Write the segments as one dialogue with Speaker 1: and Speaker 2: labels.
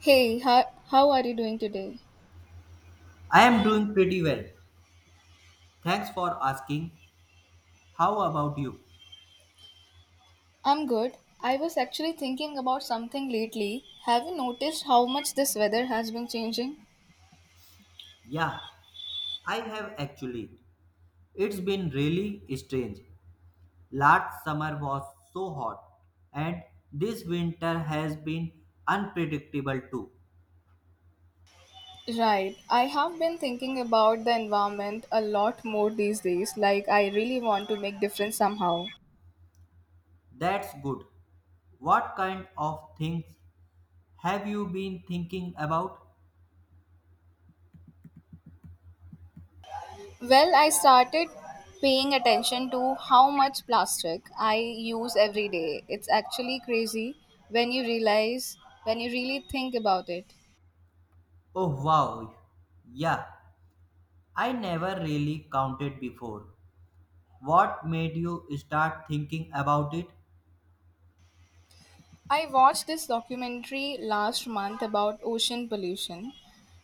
Speaker 1: Hey, how are you doing today?
Speaker 2: I am doing pretty well. Thanks for asking. How about you?
Speaker 1: I'm good. I was actually thinking about something lately. Have you noticed how much this weather has been changing?
Speaker 2: Yeah, I have actually. It's been really strange. Last summer was so hot, and this winter has been unpredictable too.
Speaker 1: Right. I have been thinking about the environment a lot more these days. Like I really want to make difference somehow.
Speaker 2: That's good. What kind of things have you been thinking about?
Speaker 1: Well, I started paying attention to how much plastic I use every day. It's actually crazy when you realize when you really think about it.
Speaker 2: Oh wow. Yeah, I never really counted before. What made you start thinking about it?
Speaker 1: I watched this documentary last month about ocean pollution.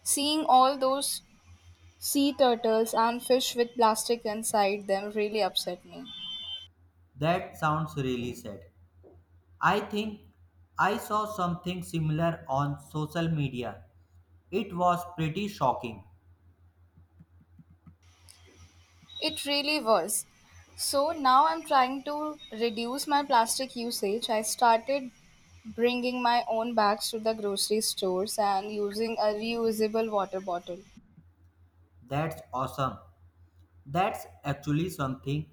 Speaker 1: Seeing all those sea turtles and fish with plastic inside them really upset me.
Speaker 2: That sounds really sad. I think I saw something similar on social media. It was pretty shocking.
Speaker 1: It really was. So now I'm trying to reduce my plastic usage. I started bringing my own bags to the grocery stores and using a reusable water bottle.
Speaker 2: That's awesome. That's actually something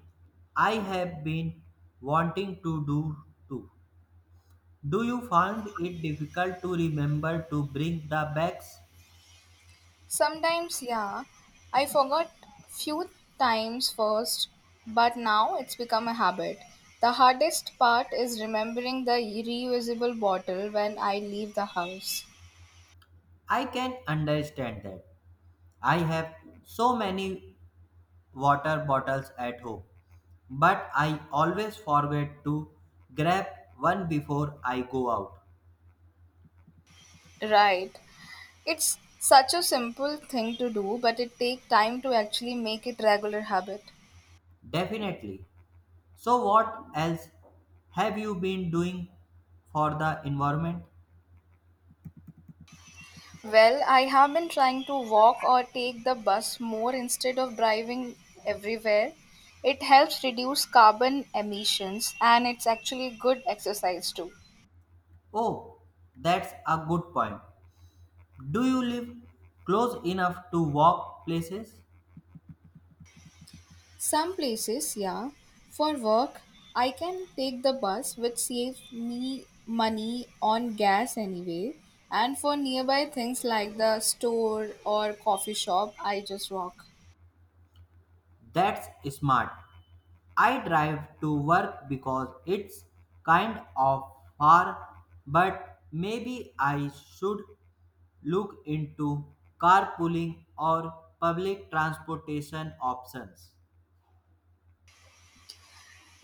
Speaker 2: I have been wanting to do too. Do you find it difficult to remember to bring the bags?
Speaker 1: Sometimes, yeah, I forgot few times first, but now it's become a habit. The hardest part is remembering the reusable bottle when I leave the house.
Speaker 2: I can understand that. I have so many water bottles at home, but I always forget to grab one before I go out.
Speaker 1: Right. It's such a simple thing to do, but it takes time to actually make it regular habit.
Speaker 2: Definitely. So, what else have you been doing for the environment?
Speaker 1: Well, I have been trying to walk or take the bus more instead of driving everywhere. It helps reduce carbon emissions and it's actually good exercise too.
Speaker 2: Oh, that's a good point. Do you live close enough to walk places?
Speaker 1: Some places, yeah. For work, I can take the bus, which saves me money on gas anyway. And for nearby things like the store or coffee shop, I just walk.
Speaker 2: That's smart. I drive to work because it's kind of far, but maybe I should look into carpooling or public transportation options.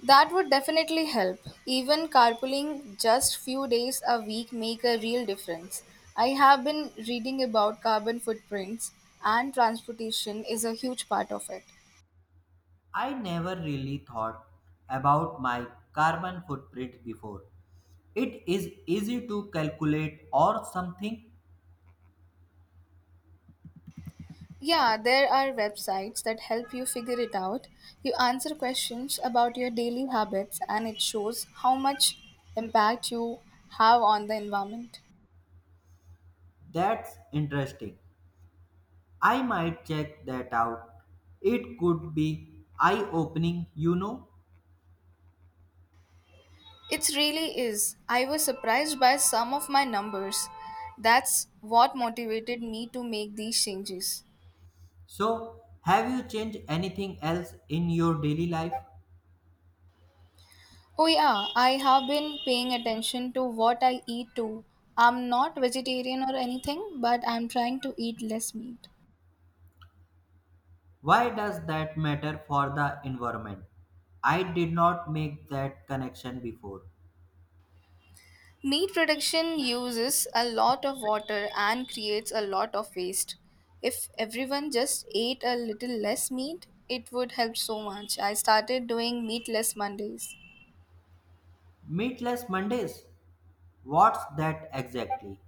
Speaker 1: That would definitely help. Even carpooling just few days a week make a real difference. I have been reading about carbon footprints and transportation is a huge part of it.
Speaker 2: I never really thought about my carbon footprint before. It is easy to calculate or something.
Speaker 1: Yeah, there are websites that help you figure it out. You answer questions about your daily habits, and it shows how much impact you have on the environment.
Speaker 2: That's interesting. I might check that out. It could be eye opening, you know.
Speaker 1: It really is. I was surprised by some of my numbers. That's what motivated me to make these changes.
Speaker 2: So, have you changed anything else in your daily life?
Speaker 1: Oh, yeah, I have been paying attention to what I eat too. I'm not vegetarian or anything, but I'm trying to eat less meat.
Speaker 2: Why does that matter for the environment? I did not make that connection before.
Speaker 1: Meat production uses a lot of water and creates a lot of waste. If everyone just ate a little less meat, it would help so much. I started doing meatless Mondays.
Speaker 2: Meatless Mondays? What's that exactly?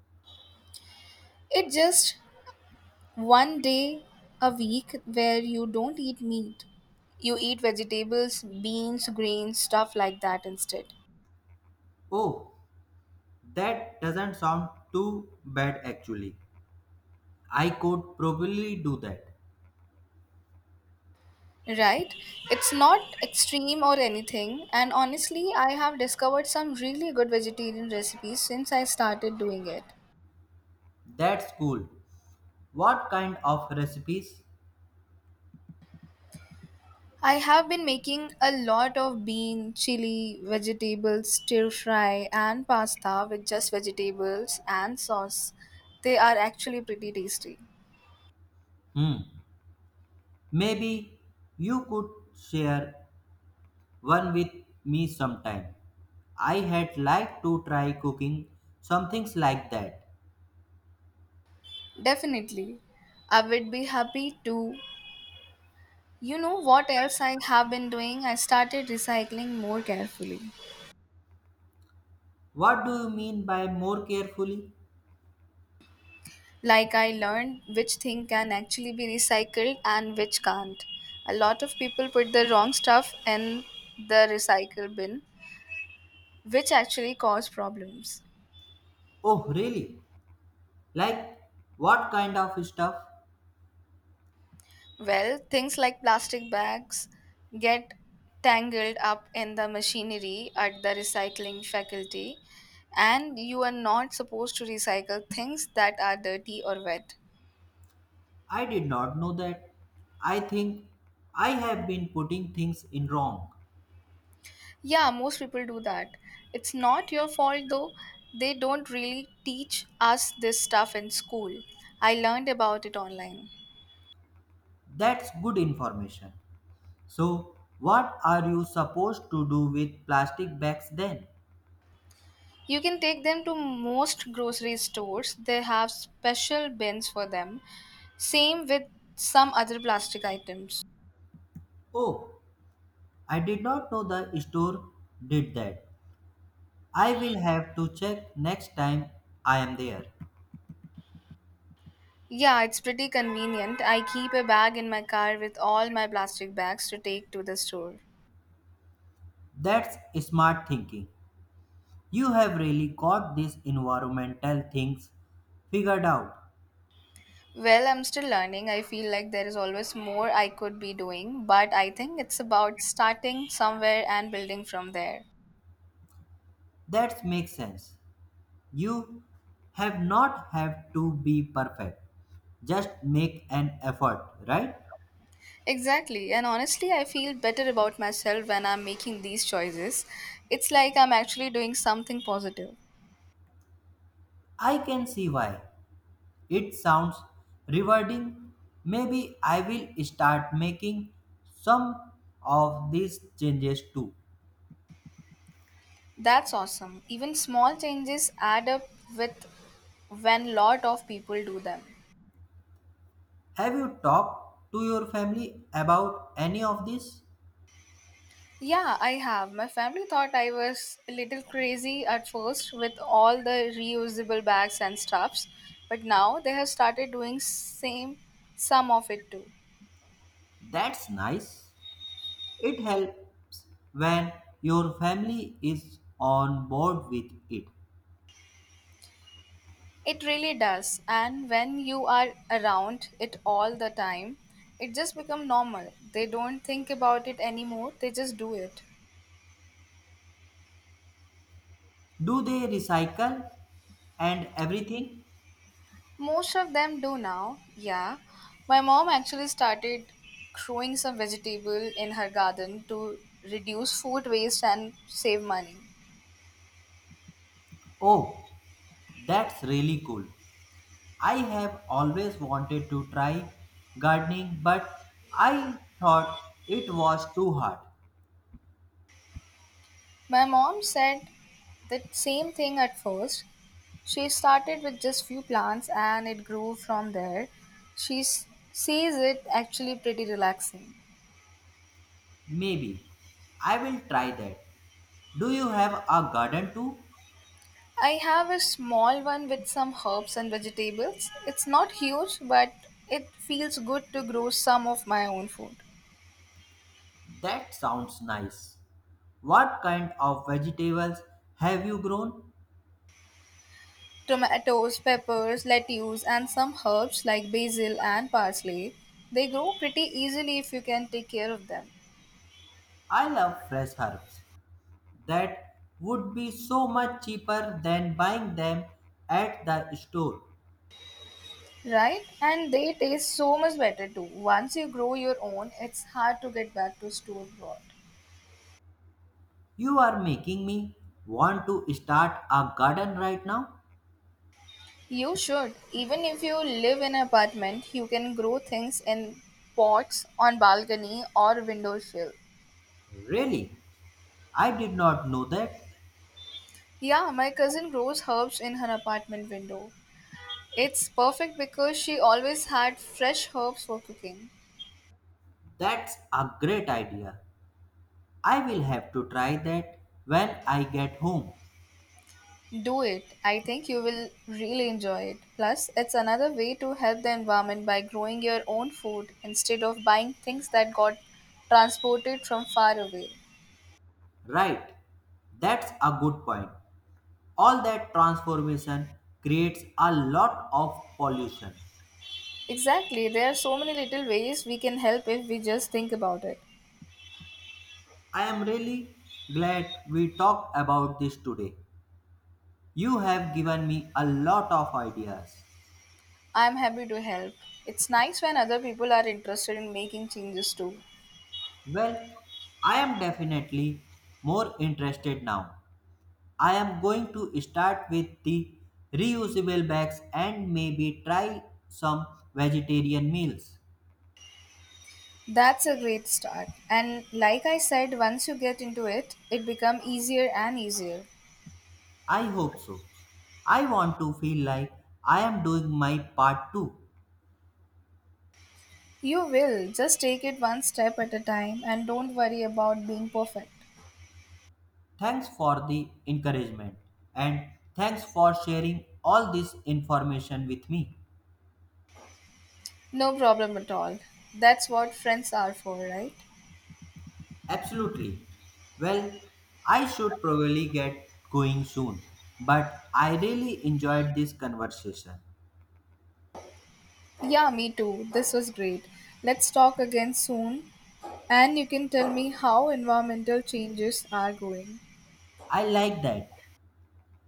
Speaker 1: It's just one day a week where you don't eat meat. You eat vegetables, beans, grains, stuff like that instead.
Speaker 2: Oh, that doesn't sound too bad actually. I could probably do that.
Speaker 1: Right? It's not extreme or anything, and honestly, I have discovered some really good vegetarian recipes since I started doing it.
Speaker 2: That's cool. What kind of recipes?
Speaker 1: I have been making a lot of bean, chili, vegetables, stir fry, and pasta with just vegetables and sauce. They are actually pretty tasty.
Speaker 2: Hmm. Maybe you could share one with me sometime. I had liked to try cooking some things like that.
Speaker 1: Definitely. I would be happy to. You know what else I have been doing? I started recycling more carefully.
Speaker 2: What do you mean by more carefully?
Speaker 1: Like I learned which thing can actually be recycled and which can't. A lot of people put the wrong stuff in the recycle bin, which actually cause problems.
Speaker 2: Oh, really? Like what kind of stuff?
Speaker 1: Well, things like plastic bags get tangled up in the machinery at the recycling faculty, and you are not supposed to recycle things that are dirty or wet.
Speaker 2: I did not know that. I think I have been putting things in wrong.
Speaker 1: Yeah, most people do that. It's not your fault though, they don't really teach us this stuff in school. I learned about it online.
Speaker 2: That's good information. So, what are you supposed to do with plastic bags then?
Speaker 1: You can take them to most grocery stores, they have special bins for them. Same with some other plastic items.
Speaker 2: Oh, I did not know the store did that. I will have to check next time I am there.
Speaker 1: Yeah, it's pretty convenient. I keep a bag in my car with all my plastic bags to take to the store.
Speaker 2: That's smart thinking. You have really got these environmental things figured out.
Speaker 1: Well, I'm still learning. I feel like there is always more I could be doing, but I think it's about starting somewhere and building from there.
Speaker 2: That makes sense. You have not have to be perfect. Just make an effort, right?
Speaker 1: Exactly, and honestly, I feel better about myself when I'm making these choices. It's like I'm actually doing something positive.
Speaker 2: I can see why. It sounds rewarding. Maybe I will start making some of these changes too.
Speaker 1: That's awesome. Even small changes add up with when lot of people do them.
Speaker 2: Have you talked to your family about any of this?
Speaker 1: Yeah, I have. My family thought I was a little crazy at first with all the reusable bags and stuffs, but now they have started doing same some of it too.
Speaker 2: That's nice. It helps when your family is on board with it.
Speaker 1: It really does. And when you are around it all the time, it just become normal. They don't think about it anymore. They just do it.
Speaker 2: Do they recycle and everything?
Speaker 1: Most of them do now, yeah. My mom actually started growing some vegetable in her garden to reduce food waste and save money.
Speaker 2: Oh, that's really cool. I have always wanted to try gardening, but I thought it was too hard.
Speaker 1: My mom said the same thing at first. She started with just few plants and it grew from there. She s- says it actually pretty relaxing.
Speaker 2: Maybe I will try that. Do you have a garden too?
Speaker 1: I have a small one with some herbs and vegetables. It's not huge, but it feels good to grow some of my own food.
Speaker 2: That sounds nice. What kind of vegetables have you grown?
Speaker 1: Tomatoes, peppers, lettuce, and some herbs like basil and parsley. They grow pretty easily if you can take care of them,
Speaker 2: I love fresh herbs. That would be so much cheaper than buying them at the store.
Speaker 1: right? And they taste so much better too. Once you grow your own, it's hard to get back to store bought.
Speaker 2: You are making me want to start a garden right now?
Speaker 1: You should. Even if you live in an apartment, you can grow things in pots on balcony or windowsill.
Speaker 2: Really? I did not know that.
Speaker 1: Yeah, my cousin grows herbs in her apartment window. It's perfect because she always had fresh herbs for cooking.
Speaker 2: That's a great idea. I will have to try that when I get home.
Speaker 1: Do it. I think you will really enjoy it. Plus, it's another way to help the environment by growing your own food instead of buying things that got transported from far away.
Speaker 2: Right. That's a good point. All that transformation creates a lot of pollution.
Speaker 1: Exactly. There are so many little ways we can help if we just think about it.
Speaker 2: I am really glad we talked about this today. You have given me a lot of ideas.
Speaker 1: I'm happy to help. It's nice when other people are interested in making changes too.
Speaker 2: Well, I am definitely more interested now. I am going to start with the reusable bags and maybe try some vegetarian meals.
Speaker 1: That's a great start. And like I said, once you get into it, it becomes easier and easier.
Speaker 2: I hope so. I want to feel like I am doing my part too.
Speaker 1: You will. Just take it one step at a time and don't worry about being perfect.
Speaker 2: Thanks for the encouragement and thanks for sharing all this information with me.
Speaker 1: No problem at all. That's what friends are for, right?
Speaker 2: Absolutely. Well, I should probably get going soon, but I really enjoyed this conversation.
Speaker 1: Yeah, me too. This was great. Let's talk again soon and you can tell me how environmental changes are going.
Speaker 2: I like that.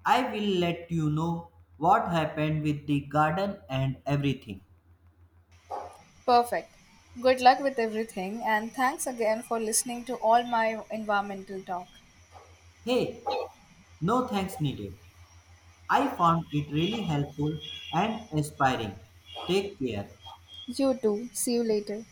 Speaker 2: I will let you know what happened with the garden and everything.
Speaker 1: Perfect. Good luck with everything and thanks again for listening to all my environmental talk.
Speaker 2: Hey, no thanks needed. I found it really helpful and inspiring. Take care.
Speaker 1: You too. See you later.